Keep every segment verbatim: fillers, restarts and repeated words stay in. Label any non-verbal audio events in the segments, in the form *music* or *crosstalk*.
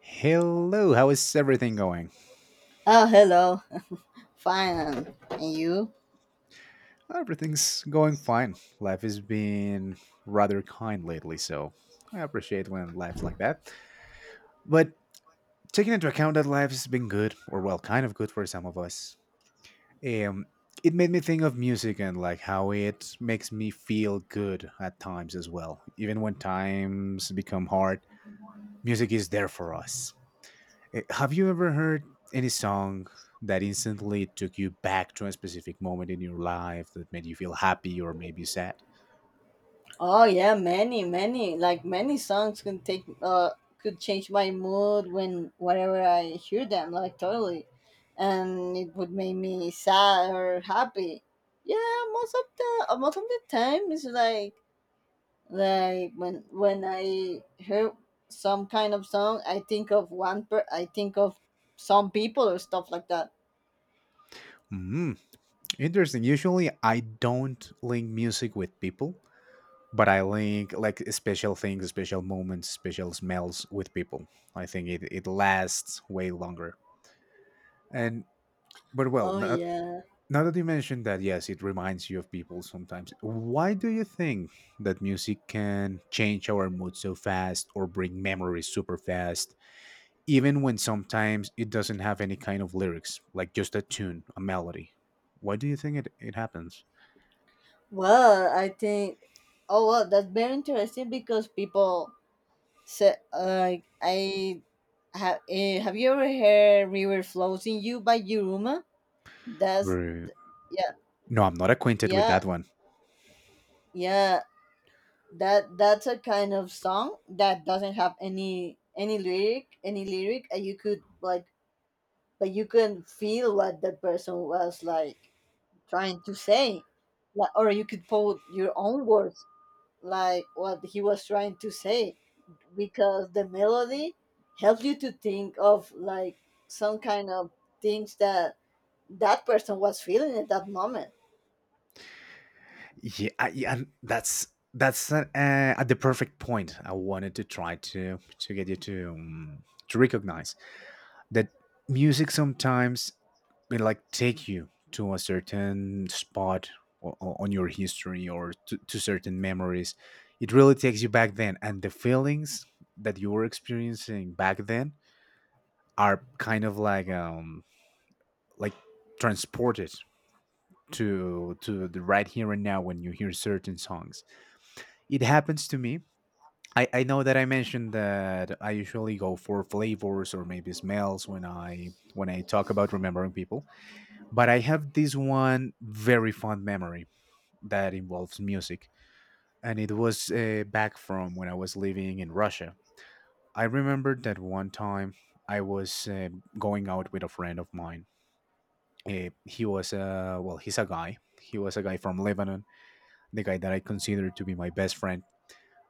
Hello, how is everything going? Oh, hello. Fine. And you? Everything's going fine. Life has been rather kind lately, so I appreciate when life's like that. But taking into account that life has been good, or well, kind of good for some of us, um, it made me think of music and like how it makes me feel good at times as well. Even when times become hard, music is there for us. Eh, Have you ever heard any song that instantly took you back to a specific moment in your life that made you feel happy or maybe sad? Oh, yeah, many, many. Like many songs can take uh could change my mood when whenever I hear them, like totally. And it would make me sad or happy. Yeah, most of the uh, most of the time it's like like when when I hear some kind of song, I think of one per I think of some people or stuff like that. Hmm, interesting. Usually, I don't link music with people, but I link like special things, special moments, special smells with people. I think it, it lasts way longer. And but well, Oh n- yeah. Now that you mentioned that, yes, it reminds you of people sometimes. Why do you think that music can change our mood so fast or bring memories super fast, even when sometimes it doesn't have any kind of lyrics, like just a tune, a melody? Why do you think it, it happens? Well, I think. Oh well, that's very interesting because people say like I have. Uh, have you ever heard "River Flows in You" by Yuruma? That's Right. th- yeah, No, I'm not acquainted with yeah, that one. yeah. That that's a kind of song that doesn't have any any lyric, any lyric, and you could, like, but you can feel what the person was, like, trying to say, like, or you could put your own words like what he was trying to say because the melody helps you to think of like some kind of things that that person was feeling at that moment. Yeah, I, yeah and that's that's uh, uh, at the perfect point. I wanted to try to to get you to um, to recognize that music sometimes will like take you to a certain spot o- o- on your history or to, to certain memories. It really takes you back then, and the feelings that you were experiencing back then are kind of like um like transported to to the right here and now when you hear certain songs. It happens to me. I, I know that I mentioned that I usually go for flavors or maybe smells when I when I talk about remembering people. But I have this one very fond memory that involves music, and it was uh, back from when I was living in Russia. I remember that one time I was uh, going out with a friend of mine. Uh, he was, uh, well, he's a guy. He was a guy from Lebanon, the guy that I consider to be my best friend.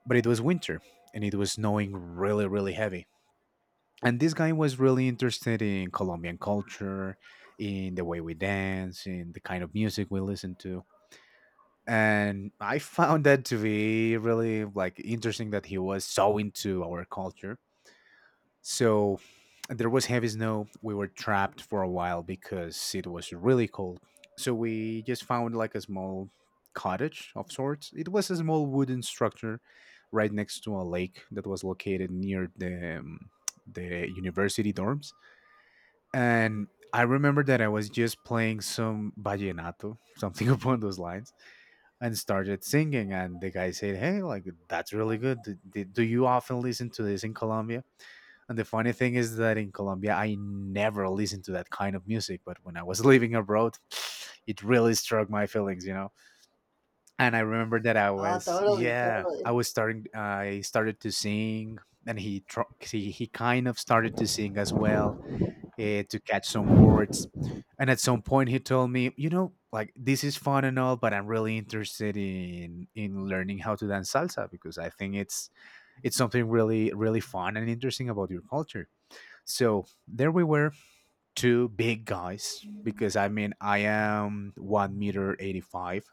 But it was winter, and it was snowing really, really heavy. And this guy was really interested in Colombian culture, in the way we dance, in the kind of music we listen to. And I found that to be really like interesting that he was so into our culture. So there was heavy snow. We were trapped for a while because it was really cold. So we just found like a small cottage of sorts. It was a small wooden structure right next to a lake that was located near the um, the university dorms. And I remember that I was just playing some vallenato, something *laughs* upon those lines, and started singing. And the guy said, "Hey, like that's really good. Do, do- do you often listen to this in Colombia?" And the funny thing is that in Colombia, I never listened to that kind of music. But when I was *laughs* living abroad, it really struck my feelings, you know. And I remember that I Oh, was, totally, yeah, I totally. was starting. I started to sing, and he tr- he he kind of started to sing as well, uh, to catch some words. And at some point, he told me, you know, like this is fun and all, but I'm really interested in in learning how to dance salsa because I think it's it's something really, really fun and interesting about your culture. So there we were, two big guys. Because I mean, I am one meter eighty five,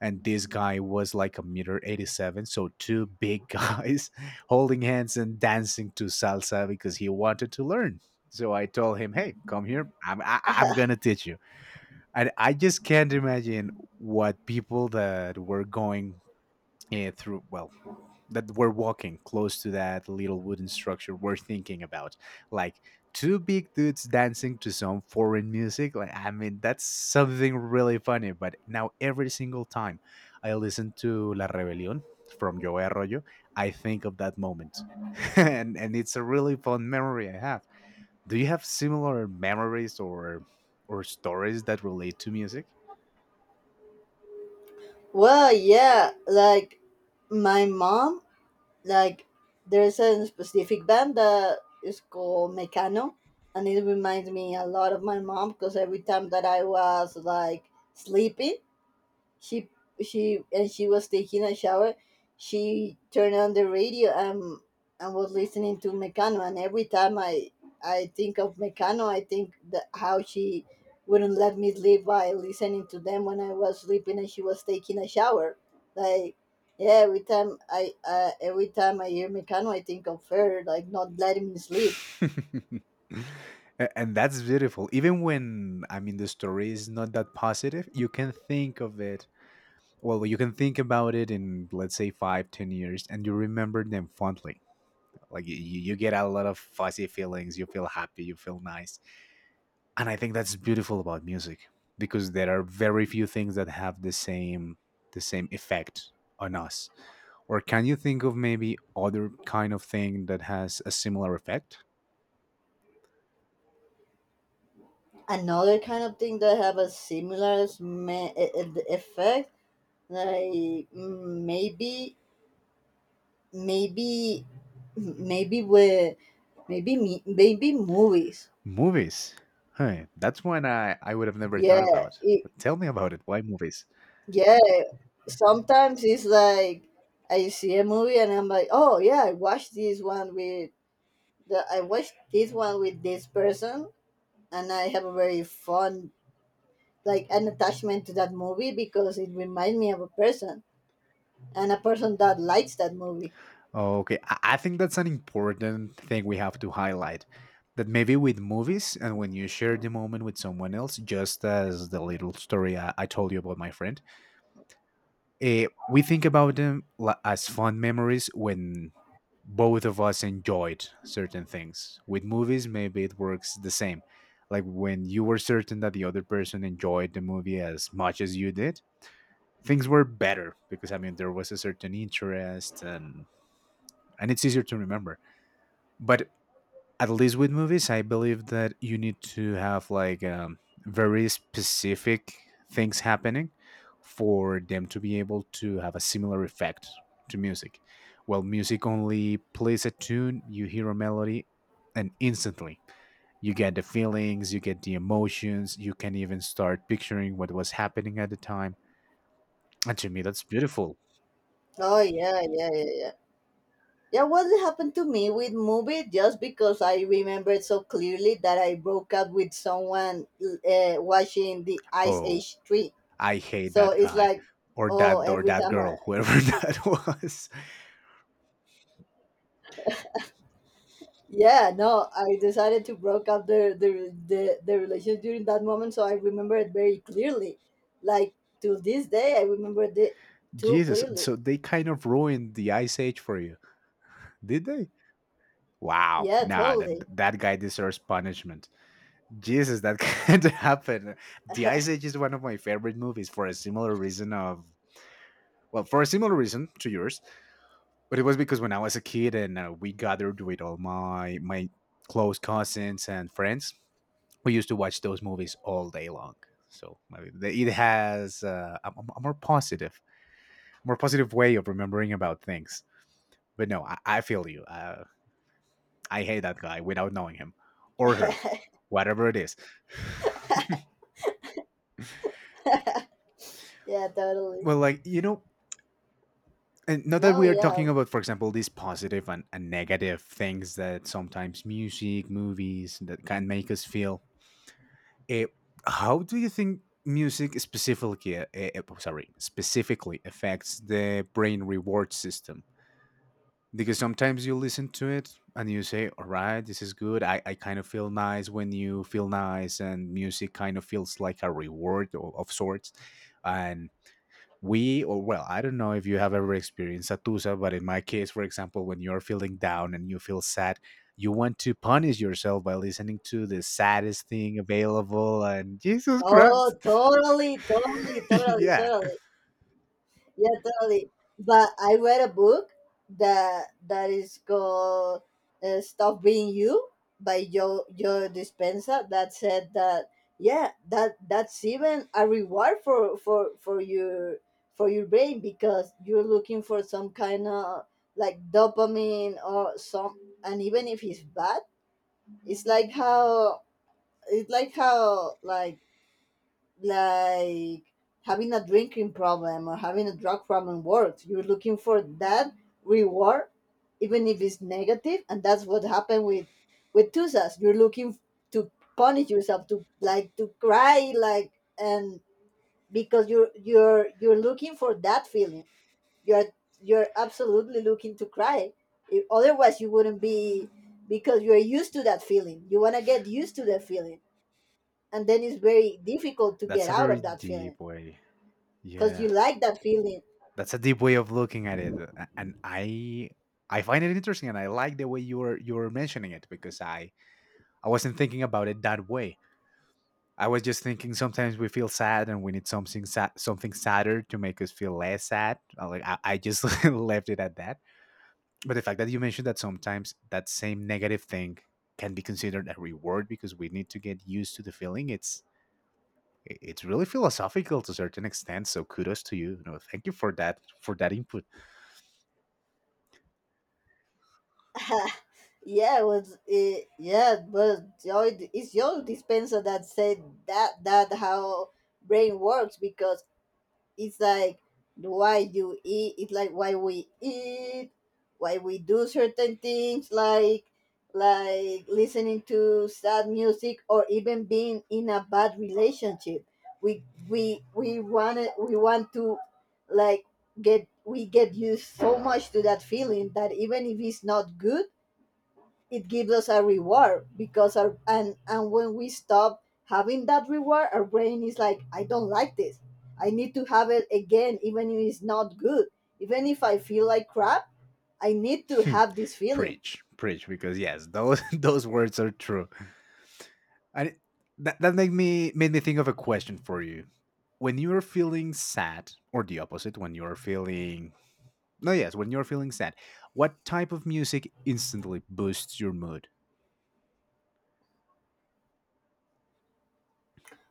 and this guy was like a meter eighty seven, so two big guys *laughs* holding hands and dancing to salsa because he wanted to learn. So I told him, "Hey, come here, i'm I, i'm gonna teach you." And I just can't imagine what people that were going eh, through well that we're walking close to that little wooden structure we're thinking about, like, two big dudes dancing to some foreign music. Like, I mean, that's something really funny. But now every single time I listen to La Rebelión from Joe Arroyo, I think of that moment *laughs* and and it's a really fun memory I have. Do you have similar memories or or stories that relate to music? Well, yeah, like my mom, like there's a specific band that is called Mecano, and it reminds me a lot of my mom because every time that I was like sleeping, she she and she was taking a shower, she turned on the radio and and was listening to Mecano. And every time i i think of Mecano, I think that how she wouldn't let me sleep by listening to them when I was sleeping and she was taking a shower. Like, yeah, every time i uh, every time i hear Mecano, I think of her like not letting me sleep. *laughs* A- and that's beautiful. Even when, I mean, the story is not that positive, you can think of it, well, you can think about it in, let's say, five, ten years, and you remember them fondly. Like you, you get a lot of fuzzy feelings. You feel happy. You feel nice. And I think that's beautiful about music because there are very few things that have the same the same effect on us. Or can you think of maybe other kind of thing that has a similar effect? Another kind of thing that have a similar sme- e- e- effect, like, mm, maybe maybe maybe we, maybe me maybe movies. Movies? Huh, that's one I, I would have never thought yeah about. it, But tell me about it. Why movies? yeah, sometimes it's like I see a movie and I'm like, oh yeah, i watched this one with the I watched this one with this person, and I have a very fun, like an attachment to that movie because it reminds me of a person, and a person that likes that movie. Oh, okay, I, I think that's an important thing we have to highlight. That maybe with movies and when you share the moment with someone else, just as the little story I, I told you about my friend, eh, we think about them la- as fond memories when both of us enjoyed certain things. With movies, maybe it works the same. Like when you were certain that the other person enjoyed the movie as much as you did, things were better because I mean there was a certain interest, and and it's easier to remember. But at least with movies, I believe that you need to have like um, very specific things happening for them to be able to have a similar effect to music. Well, music only plays a tune, you hear a melody, and instantly you get the feelings, you get the emotions, you can even start picturing what was happening at the time. And to me, that's beautiful. Oh, yeah, yeah, yeah, yeah. Yeah, what happened to me with movie just because I remember so clearly that I broke up with someone uh, watching the Ice Oh. Age three. I hate So that it's guy, like, or oh, that or every that time I, girl, whoever *laughs* that was. yeah, no, I decided to broke up the, the, the, the relationship during that moment. So I remember it very clearly. Like, to this day, I remember it too Jesus, clearly. so they kind of ruined the Ice Age for you, did they? Wow, Yeah, nah, that totally. that guy deserves punishment. Jesus, that *laughs* can't happen. The Ice *laughs* Age is one of my favorite movies for a similar reason of well, for a similar reason to yours, but it was because when I was a kid and uh, we gathered with all my my close cousins and friends, we used to watch those movies all day long. So maybe it has uh, a, a- a more positive, more positive way of remembering about things. But no, I, I feel you. Uh, I hate that guy without knowing him or her, whatever it is. Yeah, totally. Well, like you know, and not that No, we are talking yeah. about, for example, these positive and, and negative things that sometimes music, movies that can make us feel. Eh, how do you think music specifically, uh, eh, eh, oh, sorry, specifically affects the brain reward system? Because sometimes you listen to it and you say, all right, this is good. i, I kind of feel nice when you feel nice, and music kind of feels like a reward of, of sorts. And we, or well, I don't know if you have ever experienced satusa, but in my case, for example, when you're feeling down and you feel sad, you want to punish yourself by listening to the saddest thing available, and Jesus Oh, Christ. totally, totally, *laughs* totally, Yeah, totally. Yeah, totally. But I read a book that that is called uh, "Stop Being You" by Joe Joe Dispenza that said that, yeah, that that's even a reward for for for your for your brain because you're looking for some kind of, like, dopamine or some. And even if it's bad, it's like how it's like how like like having a drinking problem or having a drug problem works. You're looking for that reward, even if it's negative, and that's what happened with with Tusas. You're looking to punish yourself, to, like, to cry, like, and because you're you're you're looking for that feeling. You're you're absolutely looking to cry. If, otherwise, you wouldn't be, because you're used to that feeling. You want to get used to that feeling, and then it's very difficult to that's get a out very of that feeling. deep way. Cause you Yeah, like that feeling. that's a deep way of looking at it, a- and I I find it interesting, and I like the way you were you were mentioning it because I I wasn't thinking about it that way. I was just thinking sometimes we feel sad and we need something sad, something sadder to make us feel less sad. I Like I, I just *laughs* left it at that. But the fact that you mentioned that sometimes that same negative thing can be considered a reward because we need to get used to the feeling. It's i- it's really philosophical to a certain extent. So kudos to you. You know, thank you for that for that input. *laughs* Yeah, it was it, yeah, but Joy it's your dispenser that said that that how brain works, because it's like why you eat, it's like why we eat, why we do certain things, like, like listening to sad music or even being in a bad relationship. We we we want it, we want to, like get we get used so much to that feeling that even if it's not good, it gives us a reward. Because our and and when we stop having that reward, our brain is like, I don't like this, I need to have it again, even if it's not good, even if I feel like crap, I need to *laughs* have this feeling. Preach, preach, because yes, those *laughs* those words are true. And it- that, that made me made me think of a question for you. When you're feeling sad, or the opposite, when you're feeling no yes when you're feeling sad, what type of music instantly boosts your mood?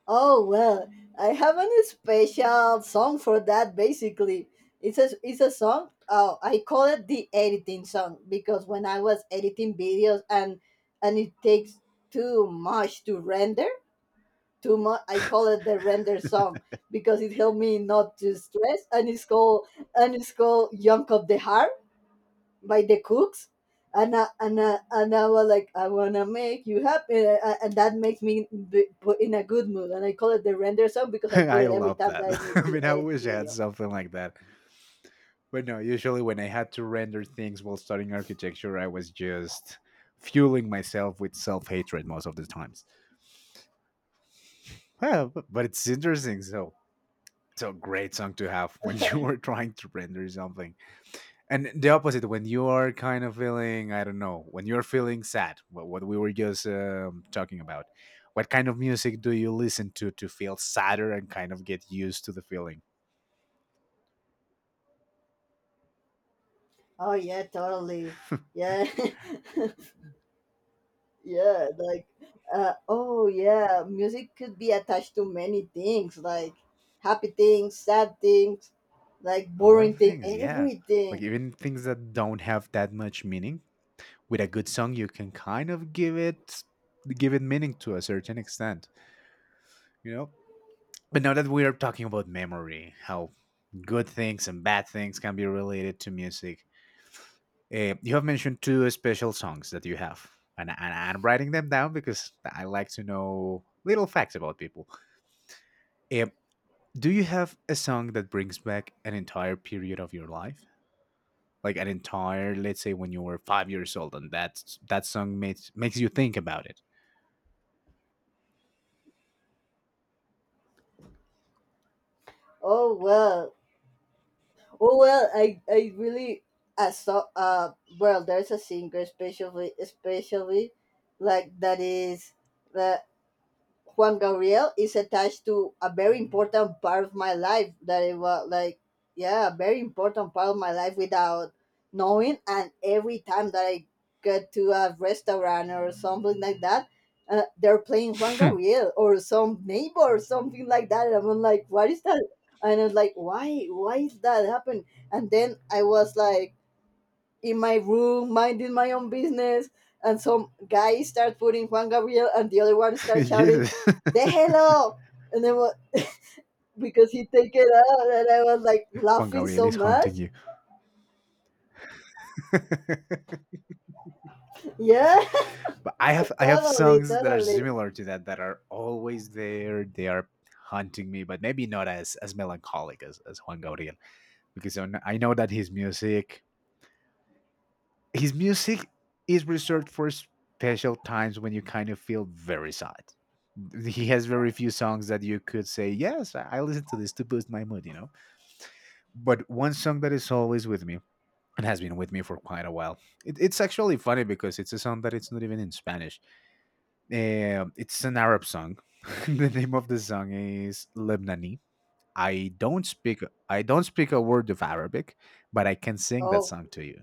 Oh well, I have a special song for that, basically. It's a, it's a song, oh, I call it the editing song because when I was editing videos, and and it takes too much to render. Too much. I call it the render song because it helped me not to stress. And it's called and it's called "Young of the Heart" by the Cooks. And I, and I, and I was like, I wanna make you happy, uh, uh, and that makes me be, put in a good mood. And I call it the render song because *laughs* I put I it every love time that. that I *laughs* need I to mean, I edit wish I had video. something like that. But no, usually when I had to render things while studying architecture, I was just fueling myself with self hatred most of the times. Well, bu- but it's interesting. So, so great song to have when *laughs* you are trying to render something. And the opposite, when you are kind of feeling, I don't know, when you're feeling sad, what, what we were just um, talking about. What kind of music do you listen to to feel sadder and kind of get used to the feeling? Oh yeah, totally. Yeah. *laughs* Yeah, like, uh, oh yeah, music could be attached to many things, like happy things, sad things, like A lot boring of thing, things, yeah. Like everything. even things that don't have that much meaning, with a good song you can kind of give it give it meaning to a certain extent, you know. But now that we are talking about memory, how good things and bad things can be related to music, uh, you have mentioned two special songs that you have, and, and I'm writing them down because I like to know little facts about people. Eh, do you have a song that brings back an entire period of your life, like an entire, let's say when you were five years old, and that that song makes makes you think about it? Oh well, oh well. I I really I saw uh well, There's a singer, especially especially like that is uh, Juan Gabriel, is attached to a very important part of my life that it was like, yeah, a very important part of my life without knowing. And every time that I get to a restaurant or something like that, uh, they're playing Juan *laughs* Gabriel or some neighbor or something like that, and I'm like, what is that? And I was like, why why is that happen? And then I was like, in my room, minding my own business, and some guy starts putting Juan Gabriel, and the other one starts shouting, *laughs* Jesus. "Déjelo!" And then what? Because he take it out, and I was like *laughs* Juan laughing Gabriel so is haunting much. you. *laughs* Yeah, But I have *laughs* I have totally, songs that are totally. similar to that, that are always there. They are haunting me, but maybe not as as melancholic as, as Juan Gabriel, because I kn- I know that his music his music is reserved for special times when you kind of feel very sad. He has very few songs that you could say, "Yes, I I listen to this to boost my mood," you know. But one song that is always with me and has been with me for quite a while. It, it's actually funny because it's a song that it's not even in Spanish. Um it's an Arab song. *laughs* The name of the song is Lebanese. I don't speak I don't speak a word of Arabic, but I can sing that Oh, song to you.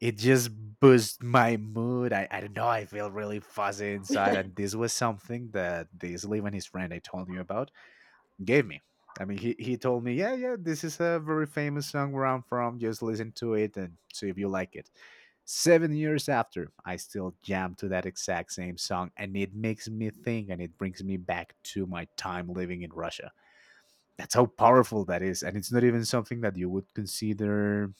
It just boosts my mood. I, I don't know. I feel really fuzzy inside. And this was something that this Live and his friend I told you about gave me. I mean, he, he told me, yeah, yeah, this is a very famous song where I'm from. Just listen to it and see if you like it. Seven years after, I still jam to that exact same song, and it makes me think, and it brings me back to my time living in Russia. That's how powerful that is. And it's not even something that you would consider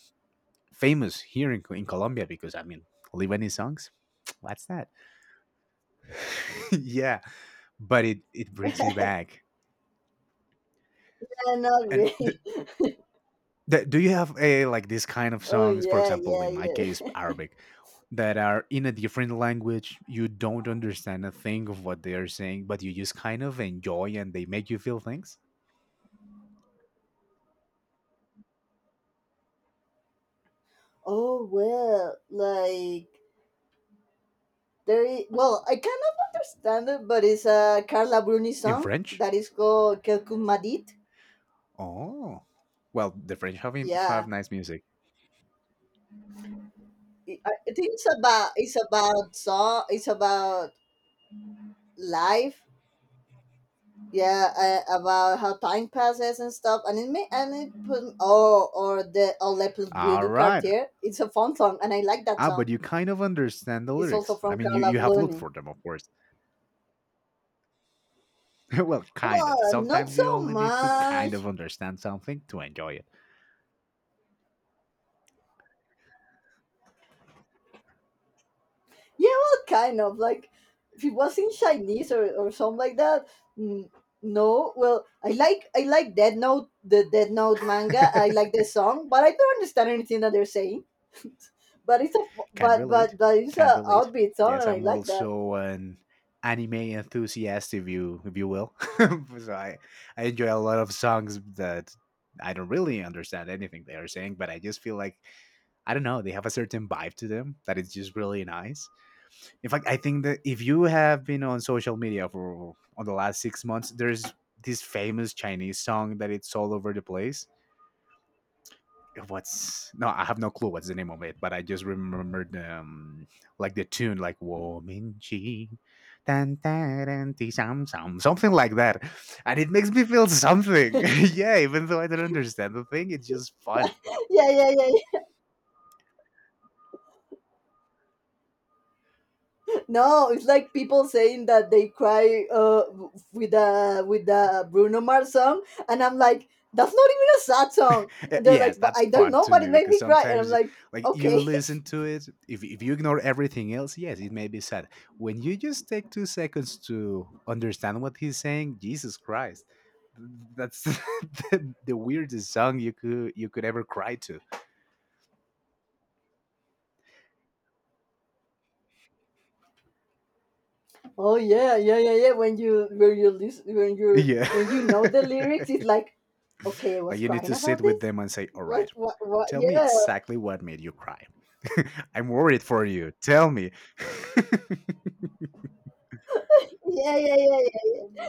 famous here in, in Colombia, because, I mean, Lebanese songs, what's that? *laughs* Yeah, but it, it brings me back. cannot And be. *laughs* that, do you have a, like, these kind of Oh songs, for yeah, example, yeah, in my case, yeah. Arabic, that are in a different language, you don't understand a thing of what they are saying, but you just kind of enjoy and they make you feel things? *laughs* Oh well, like, there. Is, well, I kind of understand it, but it's a Carla Bruni In song French? that is called "Quelcum Madit." Oh. Well, the French have im- have Yeah, nice music. I I think it's about, it's about song. It's about life. Yeah, uh, about how time passes and stuff. And it may and it put oh or the "Oh Le Plus Beau All du right. Quartier." It's a fun song, and I like that Ah, but song. you kind of understand the It's also lyrics. I from mean, you, Carla you have looked Bruni. for them, of course. *laughs* Well, kind of. Well, not Sometimes you so only need to kind of much. understand something to enjoy Yeah, well, kind of like if it was in Chinese, or, or something like that. mm, No, well, I like I like Dead Note, the Dead Note manga. I it. *laughs* like the song, but I don't understand anything that they're saying. but it's a Can but relate. but but it's Can a relate. outbeat song, Yes, and I I'm like that. also an anime enthusiast, if you if you will. *laughs* So I I enjoy a lot of songs that I don't really understand anything they are saying, but I just feel like, I don't know, they have a certain vibe to them that is just really nice. In fact, I think that if you have been on social media for on the last six months, there's this famous Chinese song that it's all over the place. What's, no, I have no clue what's the name of it, but I just remembered, um like the tune, like woman she tan, tan, tan, ti, sam, sam, something like that, and it makes me feel something. *laughs* Yeah, even though I don't understand the thing, it's just fun. *laughs* Yeah, yeah, yeah, yeah. No, it's like people saying that they cry uh with the with the Bruno Mars song, and I'm like, that's not even a sad song. Uh, and they're Yes, like, but that's I don't fun know, to but me it made because me cry, and I'm sometimes, like, like, you okay. listen to it, if if you ignore everything else, yes, it may be sad. When you just take two seconds to understand what he's saying, Jesus Christ, th- that's *laughs* the, the weirdest song you could you could ever cry to. *laughs* Oh yeah, yeah, yeah, yeah, when you when you listen when you Yeah, when you know the lyrics, it's *laughs* like, okay, I like was you need crying to sit about with this, them and say, "All right, what what what? tell me Yeah, exactly what made you cry. *laughs* I'm worried for you. Tell me." *laughs* yeah, yeah, yeah, yeah, yeah,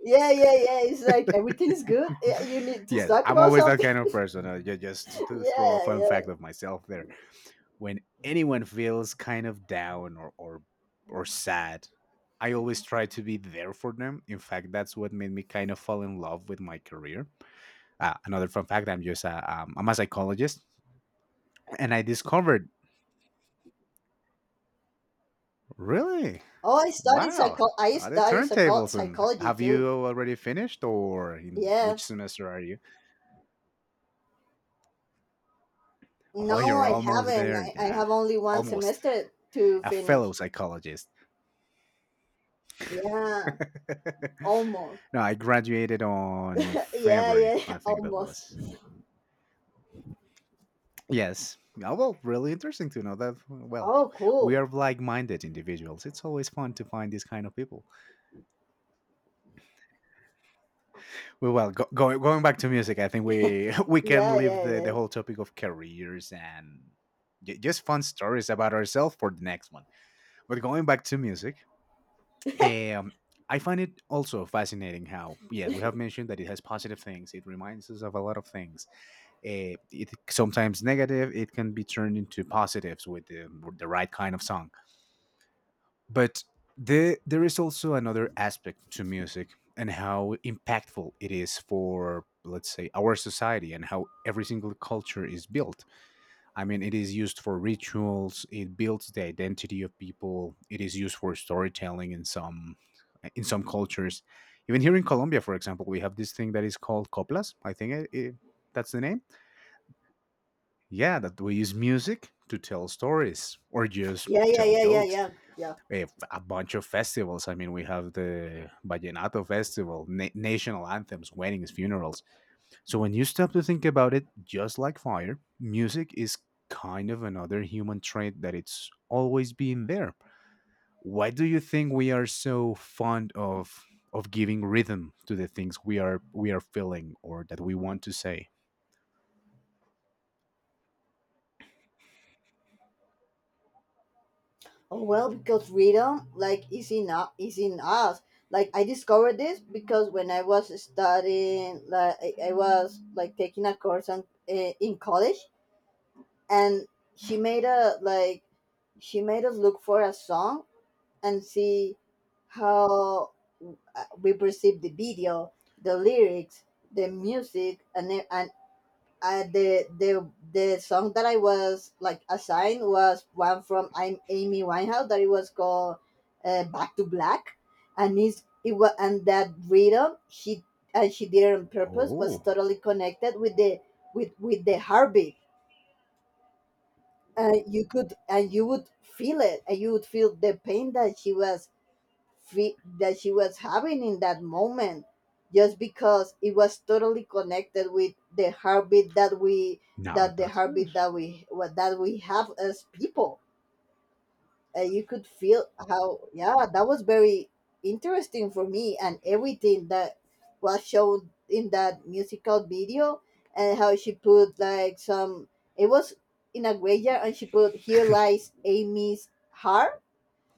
yeah. Yeah, yeah, It's like, everything's good. Yeah, you need to Yes, talk I'm about always that something. kind of person. Uh, ju- just *laughs* to throw a Yeah, fun yeah. fact of myself there. When anyone feels kind of down or or or sad, I always try to be there for them. In fact, that's what made me kind of fall in love with my career. Uh, another fun fact: I'm just a, um, I'm a psychologist, and I discovered, really, Oh, I studied wow, psycho. I are the studied psycho- turntables. And psychology have too. you already finished, or in Yeah. which semester are you? Oh, No, you're I almost haven't. there. I, I Nah, have only one almost semester to a fellow finish. psychologist. Yeah, *laughs* almost. No, I graduated on *laughs* Yeah, February, yeah, I *laughs* think that almost. was. Yes. Oh, well, really interesting to know that. Well, Oh, we cool. are like minded individuals. It's always fun to find these kind of people. Well, well go, go, going back to music, I think we *laughs* we can Yeah, leave yeah, it the, the is. whole topic of careers and ju- just fun stories about ourselves for the next one. But going back to music, um, I find it also fascinating how, yes, we have mentioned that it has positive things. It reminds us of a lot of things. Uh, it sometimes negative, it can be turned into positives with the, with the right kind of song. But the, there is also another aspect to music, and how impactful it is for, let's say, our society and how every single culture is built. I mean, it is used for rituals, it builds the identity of people, it is used for storytelling in some in some cultures. Even here in Colombia, for example, we have this thing that is called coplas. I think it, it, that's the name. Yeah, that we use music to tell stories or just Yeah, yeah, tell yeah, yeah, jokes. yeah. Yeah. We have a bunch of festivals. I mean, we have the Vallenato Festival, na- national anthems, weddings, funerals. So when you stop to think about it, just like fire, music is kind of another human trait that it's always been there. Why do you think we are so fond of of giving rhythm to the things we are we are feeling or that we want to say? Oh well, because rhythm, like, is in u- is in us. Like, I discovered this because when I was studying, like, I, I was like taking a course on, uh, in college, and she made a like she made us look for a song and see how, uh, we perceive the video, the lyrics, the music, and e- and uh, the the the song that I was like assigned was one from I'm Amy Winehouse that it was called, uh, "Back to Black," and it's, it was, and that rhythm, she, and she did it on purpose, was Oh, totally connected with the with with the heartbeat. And you could, and you would feel it, and you would feel the pain that she was fe- that she was having in that moment, just because it was totally connected with the heartbeat that we, now that the that's it. heartbeat that we what that we have as people. And you could feel how, yeah, that was very interesting for me. And everything that was shown in that musical video, and how she put, like, some it was in a graveyard, and she put, here lies Amy's heart.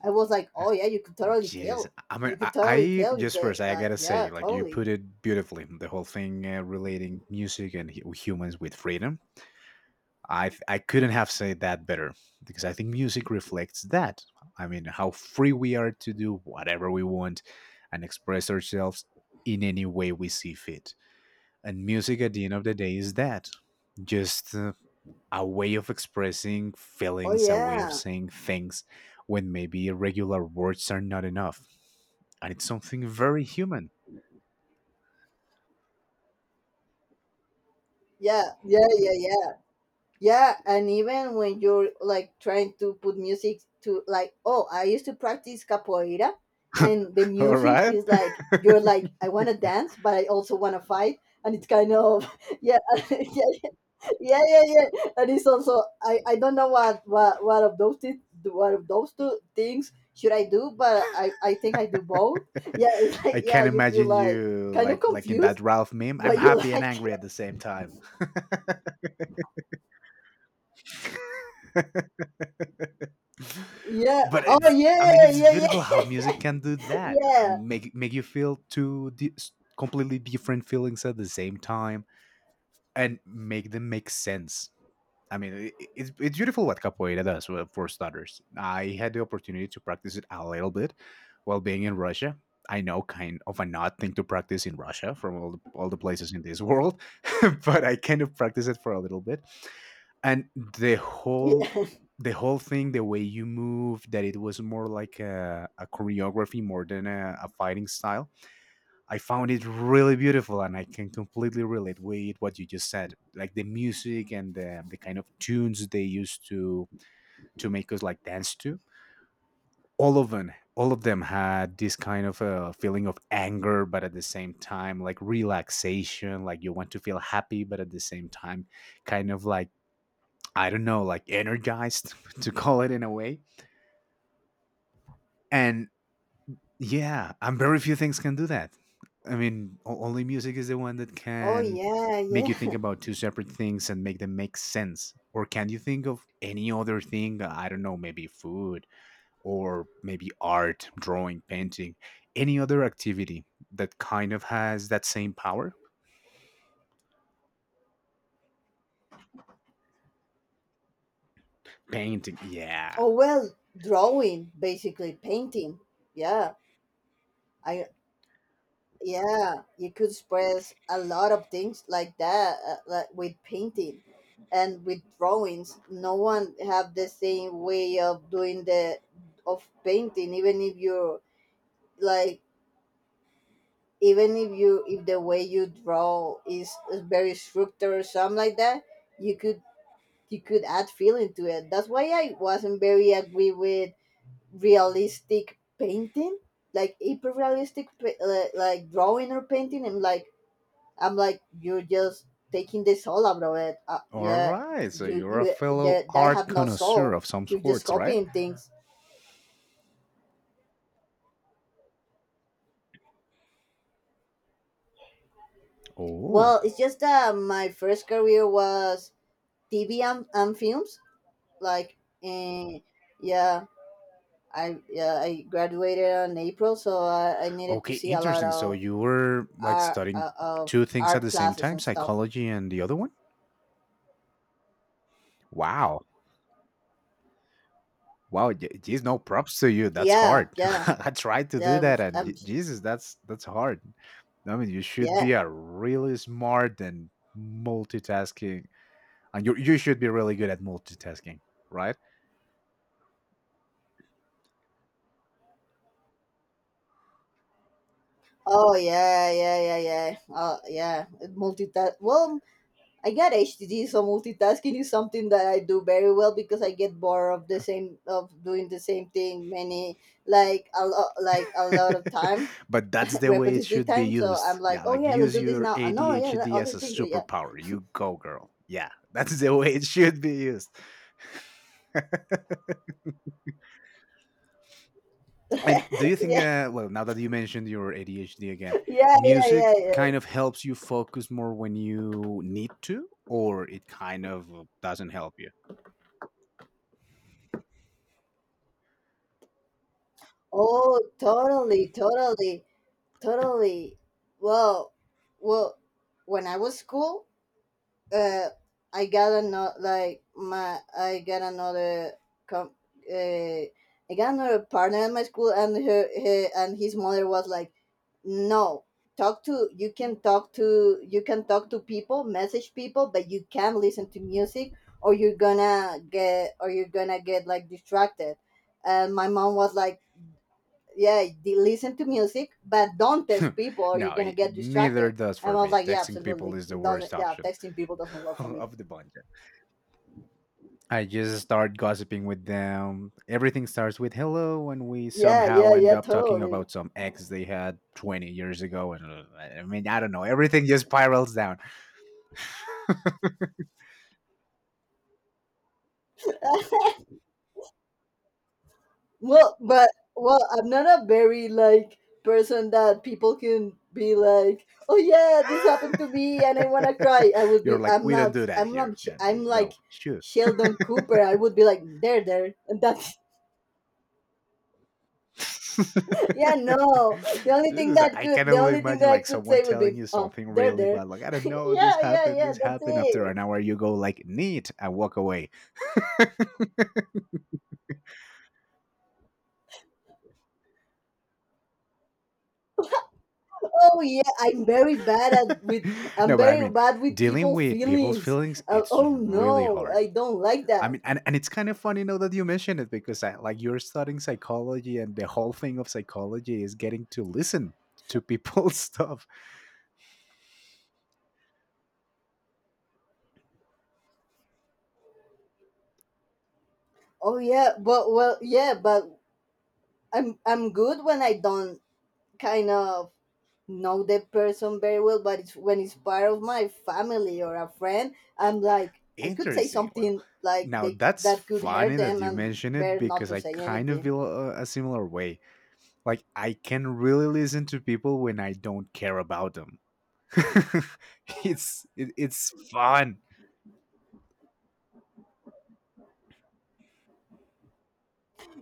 I was like, oh yeah, you could totally Jeez, tell. I mean, You I, could totally I tell just that, first I like, gotta say, yeah, like, you totally. put it beautifully, the whole thing uh, relating music and hu- humans with freedom. I th- I couldn't have said that better, because I think music reflects that. I mean, how free we are to do whatever we want and express ourselves in any way we see fit. And music, at the end of the day, is that, just uh, a way of expressing Oh feelings, a way of yeah, saying things when maybe regular words are not enough. I need something very human. yeah, yeah, yeah, yeah, yeah. And even when you're like trying to put music to, like, oh, I used to practice capoeira, and the All music right. is *laughs* like, you're like, I want to dance, but I also want to fight, and it's kind of *laughs* yeah, *laughs* yeah. Yeah, yeah, yeah. And it's also I, I don't know what what what of those thi- what of those two things should I do, but I I think I do both. Yeah, *laughs* it's I like, yeah, can't you feel imagine like you kind of like like in that confused, Ralph meme, I'm but you happy and like, angry at the same time. *laughs* *laughs* yeah. But Oh it's, I mean, yeah, it's yeah, beautiful yeah, how music can do *laughs* that. I yeah, mean, make make you feel two di- completely different feelings at the same time and make them make sense. I mean, i- it's it's beautiful what capoeira does, uh, for starters. I had the opportunity to practice it a little bit while being in Russia. I know, kind of an odd thing to practice in Russia from all the, all the places in this world, *laughs* but I kind of practice it for a little bit, and the whole yeah. the whole thing, the way you move, that it was more like a, a choreography more than a, a fighting style, I found it really beautiful, and I can completely relate with what you just said, like the music and the, the kind of tunes they used to to make us like dance to. All of them, all of them had this kind of uh, feeling of anger, but at the same time, like relaxation, like you want to feel happy, but at the same time, kind of like, I don't know, like energized *laughs* to call it in a way. And yeah, and very few things can do that. I mean, o- only music is the one that Oh can yeah, make you think yeah. about two separate things and make them make sense. Or can you think of any other thing? Uh, I don't know, maybe food, or maybe art, drawing, painting, any other activity that kind of has that same power? Painting, yeah. Oh well, drawing, basically painting. Yeah, I yeah you could express a lot of things like that, uh, like with painting and with drawings. No one have the same way of doing the of painting, even if you're like even if you if the way you draw is, is very structured or something like that, you could. You could add feeling to it. That's why I wasn't very agree with realistic painting, like hyper realistic, uh, like drawing or painting. I'm like I'm like, you're just taking the soul out of it. Uh, All Yeah, right, so you you're a you fellow that that art have no connoisseur soul. of some You're just sorts, right? copying things. Oh. Well, it's just that my first career was T V and, and films. Like, eh, yeah, I yeah I graduated in April, so I, I needed to Okay, see a lot interesting. So of you were like art studying uh, two of things at art the same classes time, and stuff. psychology and the other one? Wow. Wow, je- geez, no props to you. That's Yeah, hard. *laughs* yeah, I tried to do yeah. It that was, and je- um, Jesus, that's that's hard. I mean, you should yeah. be a really smart and multitasking, and you you should be really good at multitasking, right? Oh yeah, yeah, yeah, yeah. Oh yeah. Multi well, I get H T D, so multitasking is something that I do very well because I get bored of the same of doing the same thing many like a lot like a *laughs* lot of time, But that's *laughs* the way it repetitive should be time. So I'm used. like, Yeah, "Oh like yeah, let's use do this your now. Oh, no, yeah, the A D H D as other a things, yeah." superpower. You go, girl. Yeah, *laughs* that's the way it should be used. And do you *laughs* think, Yeah, uh, well, now that you mentioned your A D H D again, yeah, yeah, yeah, music kind of yeah. helps you focus more when you need to, or it kind of doesn't help you? Oh, totally, totally, totally. Well, well, when I was school, uh, I got another like my I got another com- uh, I got another partner at my school, and her, her and his mother was like, "No, talk to you can talk to you can talk to people, message people, but you can't listen to music, or you're gonna get or you're gonna get like distracted." And my mom was like, "Yeah, de- listen to music, but don't text *laughs* people, or No, you're gonna it, it get neither distracted." does And for I was me. like, "Yeah, Texting people absolutely, is the it doesn't. worst Yeah, option texting people doesn't *laughs* work for me." of the bunch. I just start gossiping with them. Everything starts with hello, and we Yeah, somehow yeah, end yeah, up talking totally. about some ex they had twenty years ago. And uh, I mean, I don't know. Everything just spirals down. Well, but well, I'm not a very like person that people can be like, "Oh yeah, this happened to me and I want to cry." *laughs* I would You're be like, I'm we don't not do that I'm here. not Yeah, Sh- you I'm like go shoot. Sheldon Cooper. I would be like, "There, there." And that's. *laughs* Yeah, *laughs* no. The only Dude, thing it's like, that I can could the only only thing imagine that I like could someone say would telling be, you "Oh, something there, really there." bad, like I *laughs* don't know, this Yeah, yeah, happened, yeah, this that's happened. After it. an hour, you go like neat and walk away. *laughs* Oh yeah, I'm very bad at with I'm No, but I very mean, bad with dealing people with people's feelings. feelings, Uh, it's Oh really no, hard. I don't like I that. mean, and, and it's kind of funny now that you mention it because I, like you're studying psychology, and the whole thing of psychology is getting to listen to people's *laughs* stuff. Oh yeah, but well yeah, but I'm I'm good when I don't kind of know the person very well, but it's when it's part of my family or a friend, I'm like I could say Interesting. Well, something like now they that's that could hurt funny that them, you and mention it better not because to I say kind of anything. feel a, a similar way. Like I can really listen to people when I don't care about them. *laughs* It's it, it's fun.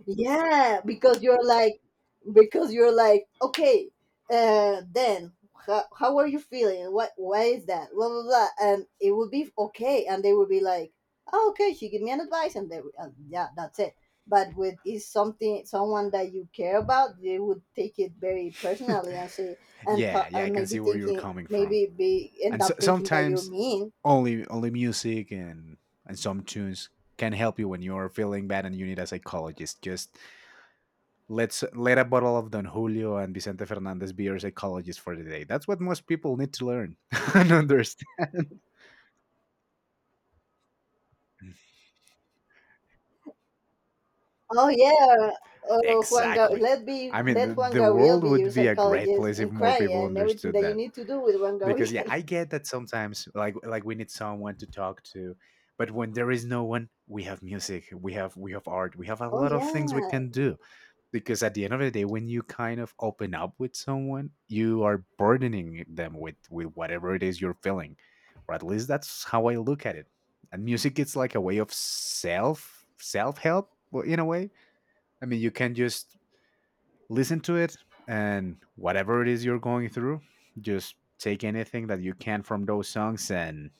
Yeah, because you're like, because you're like, okay, uh, then how, how are you feeling? What Why is that? Blah blah blah, and it would be okay, and they would be like, "Oh, okay, she give me an advice," and they, and yeah, that's it. But with is something someone that you care about, they would take it very *laughs* personally, and say, and Yeah, th- yeah, I and can maybe see where you're thinking coming from. maybe be end And so, up thinking that you're sometimes mean. only only music and and some tunes can help you when you're feeling bad and you need a psychologist. Just let's let a bottle of Don Julio and Vicente Fernandez be your psychologist for the day. That's what most people need to learn *laughs* and understand. Oh yeah. Oh Juan, Ga- Exactly. let be I mean, the, let Juan the Gabriel world be your would be a great psychologist place if and more cry people and everything understood that you that. need to do with Juan Because yeah, Gabriel. I *laughs* get that sometimes, like like we need someone to talk to, but when there is no one, we have music, we have we have art, we have a Oh lot of things we yeah, can do. Because at the end of the day when you kind of open up with someone, you are burdening them with with whatever it is you're feeling, or at least that's how I look at it. And music is like a way of self self help, in a way. I mean, you can just listen to it, and whatever it is you're going through, just take anything that you can from those songs, and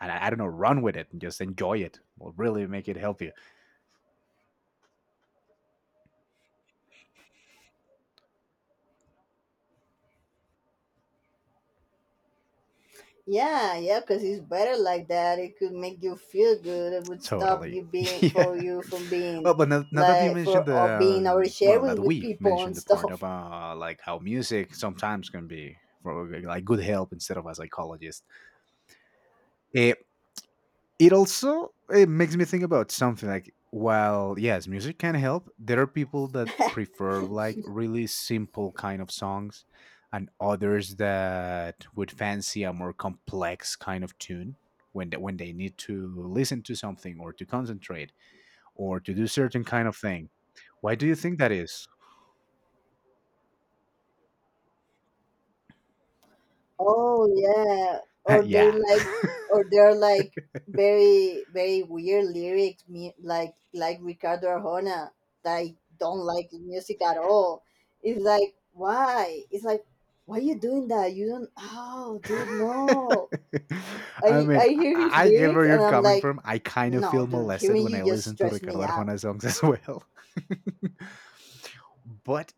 and i, I don't know, run with it, and just enjoy it will really make it help you. yeah, yeah. Because it's better like that. It could make you feel good. It would stop Totally. you *laughs* being Yeah. for you from being Well, but now, now that you like for mentioned the, uh, being um, well, that oversharing with we people mentioned and the part stuff. about like how music sometimes can be for like good help instead of a psychologist, it, it also it makes me think about something like while yes, music can help, there are people that *laughs* prefer like really simple kind of songs, and others that would fancy a more complex kind of tune when they, when they need to listen to something or to concentrate or to do certain kind of thing. Why do you think that is? Oh yeah, *laughs* or they're Yeah. like, *laughs* or they're like very very weird lyrics, me like like Ricardo Arjona, that I don't like the music at all. It's like, why? It's like, why you doing that? You don't. Oh, dude, no. I I mean, I I, hear his I get lyrics where and you're I'm coming like, from. I kind of no, feel dude, molested hearing when you I just listen to stress Ricardo me out. Arjona songs as well. *laughs* but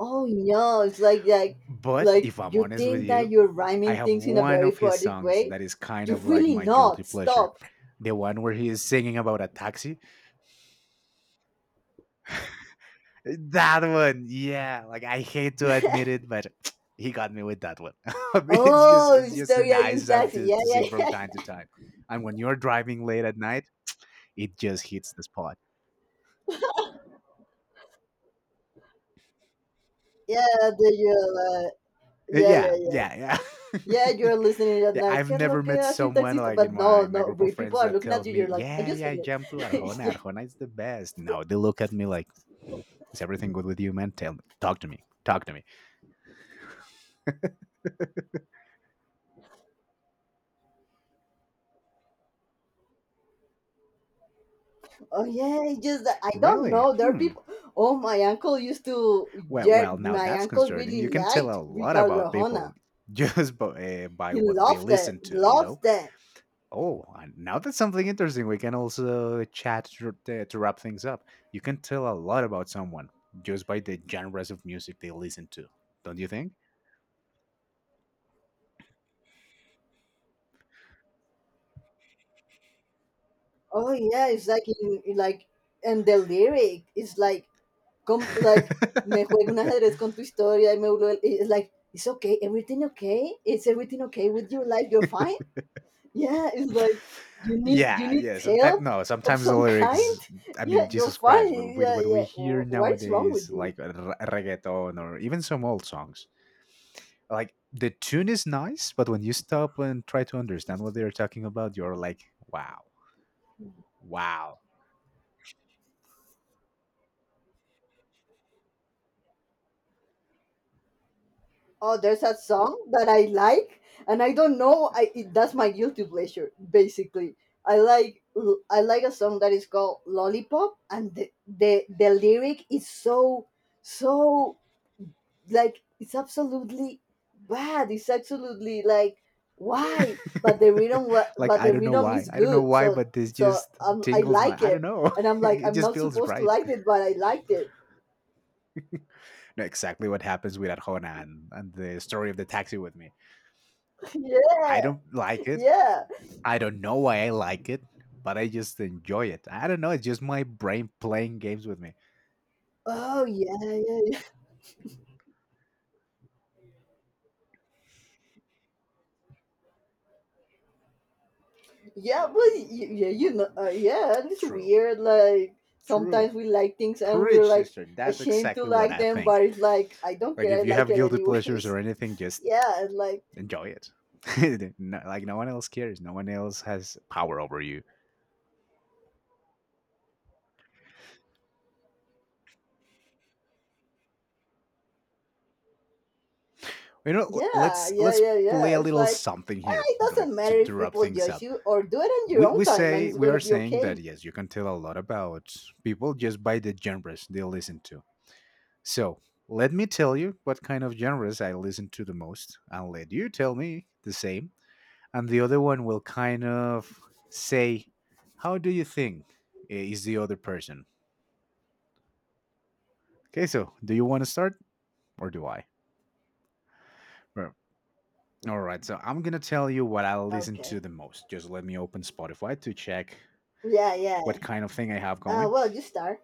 Oh no, it's like, like but like if I'm you honest with think that you, you're I rhyming have things in a one very of his poetic songs way. that is kind You're of like really my guilty not. pleasure. Stop. The one where he is singing about a taxi. That one, yeah. Like I hate to admit it, *laughs* but he got me with that one. *laughs* It's just Oh, it's just a Historia de nice un song Taxi. to, Yeah, to yeah, sing from yeah. time to time. And when you're driving late at night, it just hits the spot. Yeah, the, uh, Uh, yeah, Yeah, yeah, yeah. yeah, Yeah, yeah. you're listening *laughs* at Yeah, night. I've ¿Qué es never lo que met hace un someone taxista? like in But my no, my no, group of we, people friends are that looking at tells you. me, You're like, I "Yeah, just yeah, I hate jump to it. *laughs* Arjona. Yeah. Arjona is the best." No, they look at me like, "Is everything good with you, man? Tell me, talk to me, talk to me." Oh yeah, it's just, that- I don't Really? know. There are Hmm. people. Oh, my uncle used to, Well, yeah, well, now my that's uncle concerning. You really can tell a liked lot Ricardo about people Arjona. *laughs* just by, uh, by He what they loved it, listen to, you know? loved that. Oh, and now that's something interesting. We can also chat to, uh, to wrap things up. You can tell a lot about someone just by the genres of music they listen to, don't you think? Oh yeah, it's like, in, like, and the lyric is like, come, like, me juego un ajedrez *laughs* con tu historia y me vuelvo. It's like, it's okay, everything okay? Is everything okay with your life? You're fine? Yeah, it's like, you need, you Yeah, need yeah. Sometimes help no. of Sometimes the some kind? lyrics. I mean, Yeah, you're Jesus Christ. With, fine. with Yeah, what we yeah. hear Wh- What is wrong nowadays, with you? like uh, re- reggaeton or even some old songs, like the tune is nice, but when you stop and try to understand what they're talking about, you're like, wow, wow. Oh, there's a song that I like, and I don't know. I it, that's my guilty pleasure, basically. I like I like a song that is called Lollipop, and the the, the lyric is so, so like, it's absolutely bad, it's absolutely like, why? but the *laughs* rhythm wa- Like but I the don't know rhythm why. is I don't know good, why, so but this so just um, I tingles my. like I don't it, know. and I'm *laughs* like, It I'm just not feels supposed to right. like it, but I liked it. No, exactly what happens with Arjona and, and the story of the taxi with me. *laughs* Yeah, I don't like it. yeah. I don't know why I like it, but I just enjoy it. I don't know. It's just my brain playing games with me. Oh yeah, yeah, yeah, yeah, but y- yeah, you know uh, yeah, and it's True. weird like True. sometimes we like things and we're Preach, like sister. That's ashamed to exactly what like I them, think. but it's like, I don't Like, care, if I you like have it guilty pleasures or anyways. anything, *laughs* just Yeah, and like, enjoy it. *laughs* No, like, no one else cares. No one else has power over you. You know, l- yeah, let's yeah, let's yeah, play yeah. a It's little like, something eh, here it like, doesn't to, matter to if wrap people things judge up. you, or do it on your We, own we time, and say it's we gonna are be saying that okay. yes, you can tell a lot about people just by the genres they listen to. So let me tell you what kind of genres I listen to the most, and let you tell me the same. And the other one will kind of say, how do you think eh, is the other person? Okay, so do you want to start or do I? Right. All right, so I'm going to tell you what I listen to Okay. the most. Just let me open Spotify to check Yeah, yeah. what kind of thing I have Uh, going. Well, you start.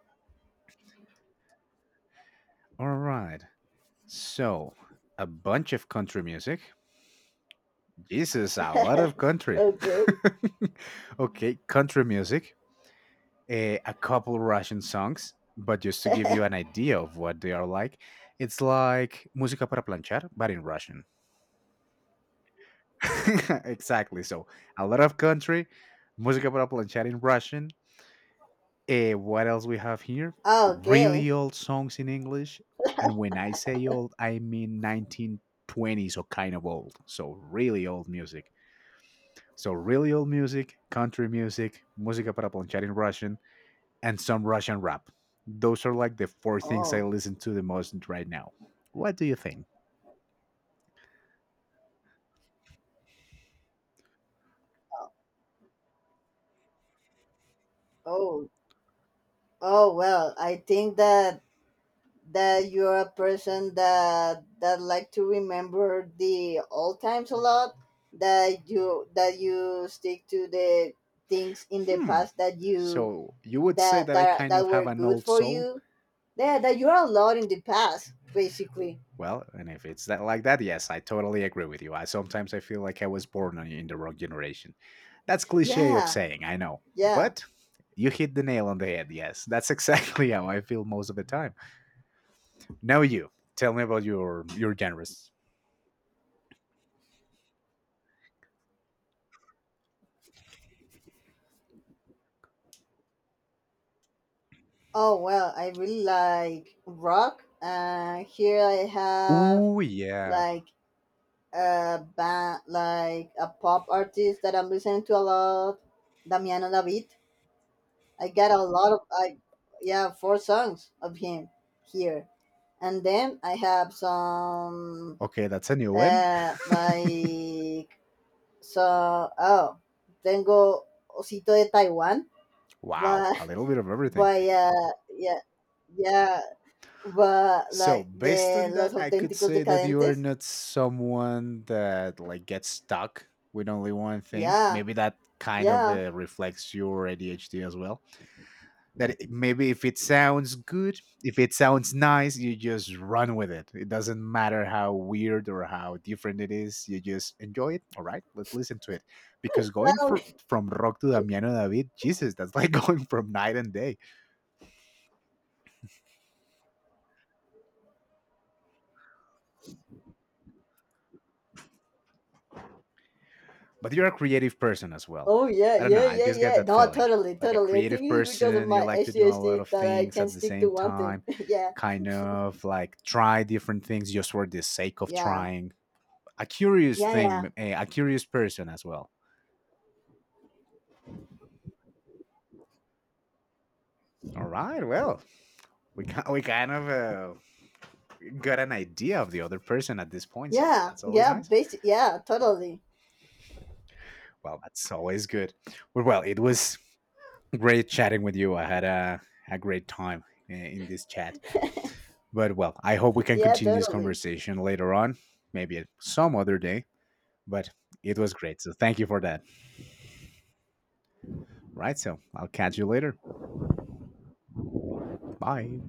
All right, so a bunch of country music. This is a lot of country. *laughs* Okay. *laughs* Okay, country music. a, a couple Russian songs, but just to give you an *laughs* idea of what they are like, it's like música para planchar, but in Russian. *laughs* Exactly. So a lot of country, música para planchar in Russian. Eh, what else we have here? Really Okay. old songs in English, and when I say old, I mean nineteen twenties or kind of old. So really old music. So really old music, country music, música para planchar in Russian, and some Russian rap. Those are like the four things I Oh, listen to the most right now. What do you think? oh, oh, well, I think that that you're a person that that like to remember the old times a lot, that you that you stick to the things in the Hmm. past, that you So you would say that that I that kind that of were have an good old for soul? you, yeah, that you're allowed in the past, basically. Well, and if it's that like that, yes, I totally agree with you. I sometimes I feel like I was born on- in the wrong generation. That's cliche of Yeah, saying, I know, yeah. but you hit the nail on the head. Yes, that's exactly *laughs* how I feel most of the time. Now you tell me about your your genres. Oh well, I really like rock. Uh here I have Ooh, yeah. like a band, like a pop artist that I'm listening to a lot, Damiano David. I got a lot of, I yeah, four songs of him here. And then I have some, Okay, that's a new one. uh like. So, oh, tengo osito de Taiwan, Wow, but, a little bit of *laughs* everything. but yeah, yeah, yeah, but So, like based the on that, Los I could Auténticos say that you're Decadentes. not someone that like gets stuck with only one thing. Yeah, Maybe that kind of yeah. uh, reflects your A D H D as well. That it- maybe if it sounds good, if it sounds nice, you just run with it. It doesn't matter how weird or how different it is. You just enjoy it. All right, let's listen to it. Because going Um, fr from rock to Damiano David, Jesus, that's like *laughs* going from night and day. But you're a creative person as well. Oh yeah, I don't know. yeah, I yeah, just get yeah. that No, feeling. totally, Like a totally. I think creative it's because of person, you my like to do a lot A D H D of that I things can at the stick same to one thing. time, *laughs* Yeah, kind of like try different things just for the sake of yeah, trying. A curious yeah, yeah, thing, a, a curious person as well. All right. Well, we can, we kind of uh, got an idea of the other person at this point, so yeah, that's always yeah, nice. basic, yeah, totally. Well, that's always good. Well, well, it was great chatting with you. I had a a great time uh, in this chat. *laughs* But well, I hope we can Yeah, continue this totally. conversation later on, maybe at some other day. But it was great. So thank you for that. Right. So I'll catch you later. Bye.